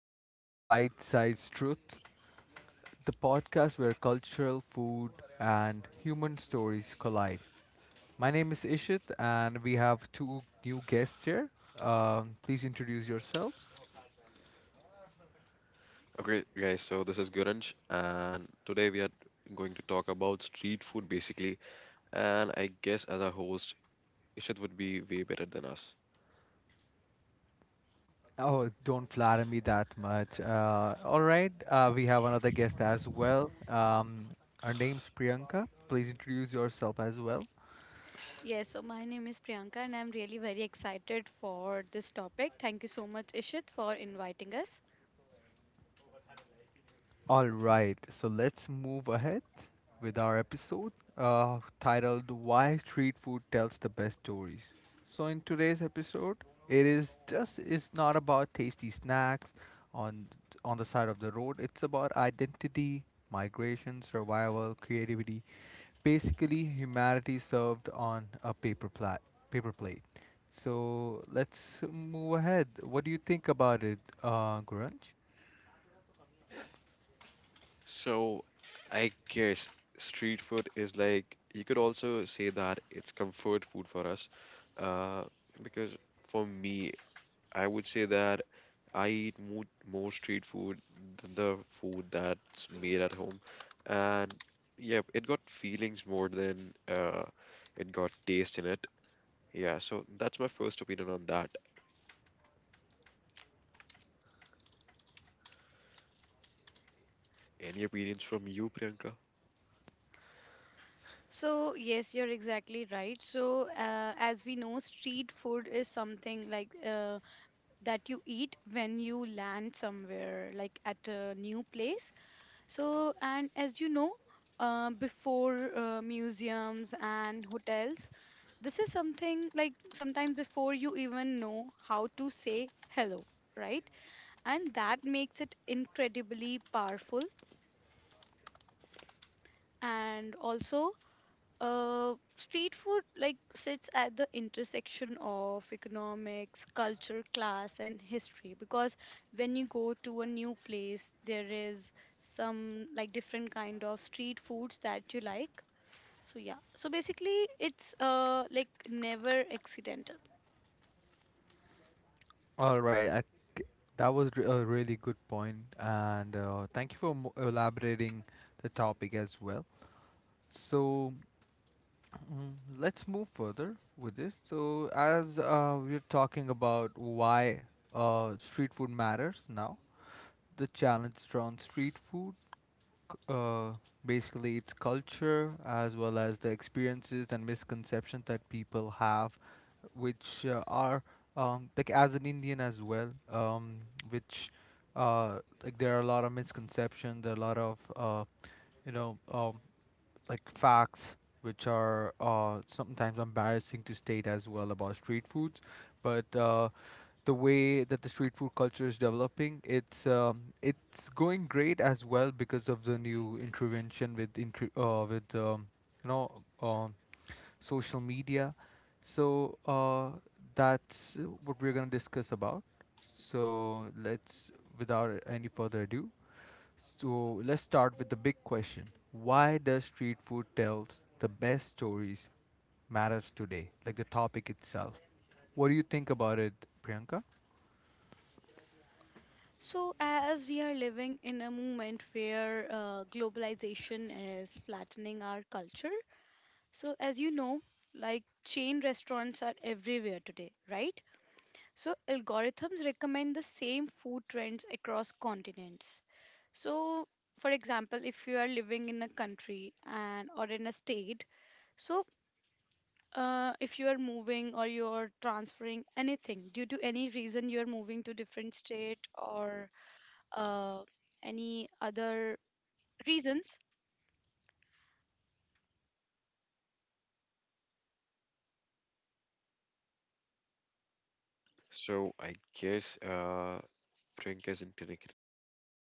back to Bite Size Truth, the podcast where cultural, food, and human stories collide. My name is Ishit, and we have two new guests here. Please introduce yourselves. Okay, guys, so this is Guranj, and today we are going to talk about street food basically. And I guess as a host, Ishit would be way better than us. Oh, don't flatter me that much. All right, we have another guest as well. Her name's Priyanka. Please introduce yourself as well. Yes, so my name is Priyanka and I'm really very excited for this topic. Thank you so much, Ishit, for inviting us. All right, so let's move ahead with our episode titled Why Street Food Tells the Best Stories. So, in today's episode, it is just it's not about tasty snacks on on the side of the road. It's about identity, migration, survival, creativity, basically humanity served on a paper plate. So, let's move ahead. What do you think about it, Grunge? So, I guess street food is like you could also say that it's comfort food for us, uh, because for me, I would say that I eat more street food than the food that's made at home, and yeah, it got feelings more than it got taste in it. Yeah, so that's my first opinion on that. Any opinions from you, Priyanka? So, yes, you're exactly right. So, as we know, street food is something like that you eat when you land somewhere, like at a new place. So, and as you know, before museums and hotels, this is something like sometimes before you even know how to say hello, right? And that makes it incredibly powerful, and also street food like sits at the intersection of economics, culture, class and history, because when you go to a new place there is some like different kind of street foods that you like. So yeah, so basically it's like never accidental. All right, I think that was a really good point, and thank you for elaborating the topic as well. So mm, let's move further with this. So as we're talking about why street food matters now, the challenge around street food c- uh, basically its culture as well as the experiences and misconceptions that people have, which are like as an Indian as well, which like there are a lot of misconceptions, there are a lot of you know um, like facts which are sometimes embarrassing to state as well about street foods, but the way that the street food culture is developing, it's going great as well because of the new intervention with with you know um, social media. So that's what we're gonna discuss about. So let's, without any further ado, let's start with the big question: why does street food tell the best stories matters today? Like the topic itself. What do you think about it, Priyanka? So as we are living in a moment where globalization is flattening our culture. So, as you know, like chain restaurants are everywhere today, right? So, algorithms recommend the same food trends across continents. So, for example, if you are living in a country and or in a state, so if you are moving or you are transferring anything due to any reason, you are moving to different state, or uh, any other reasons, So I guess Priyanka is in clinic relation. Just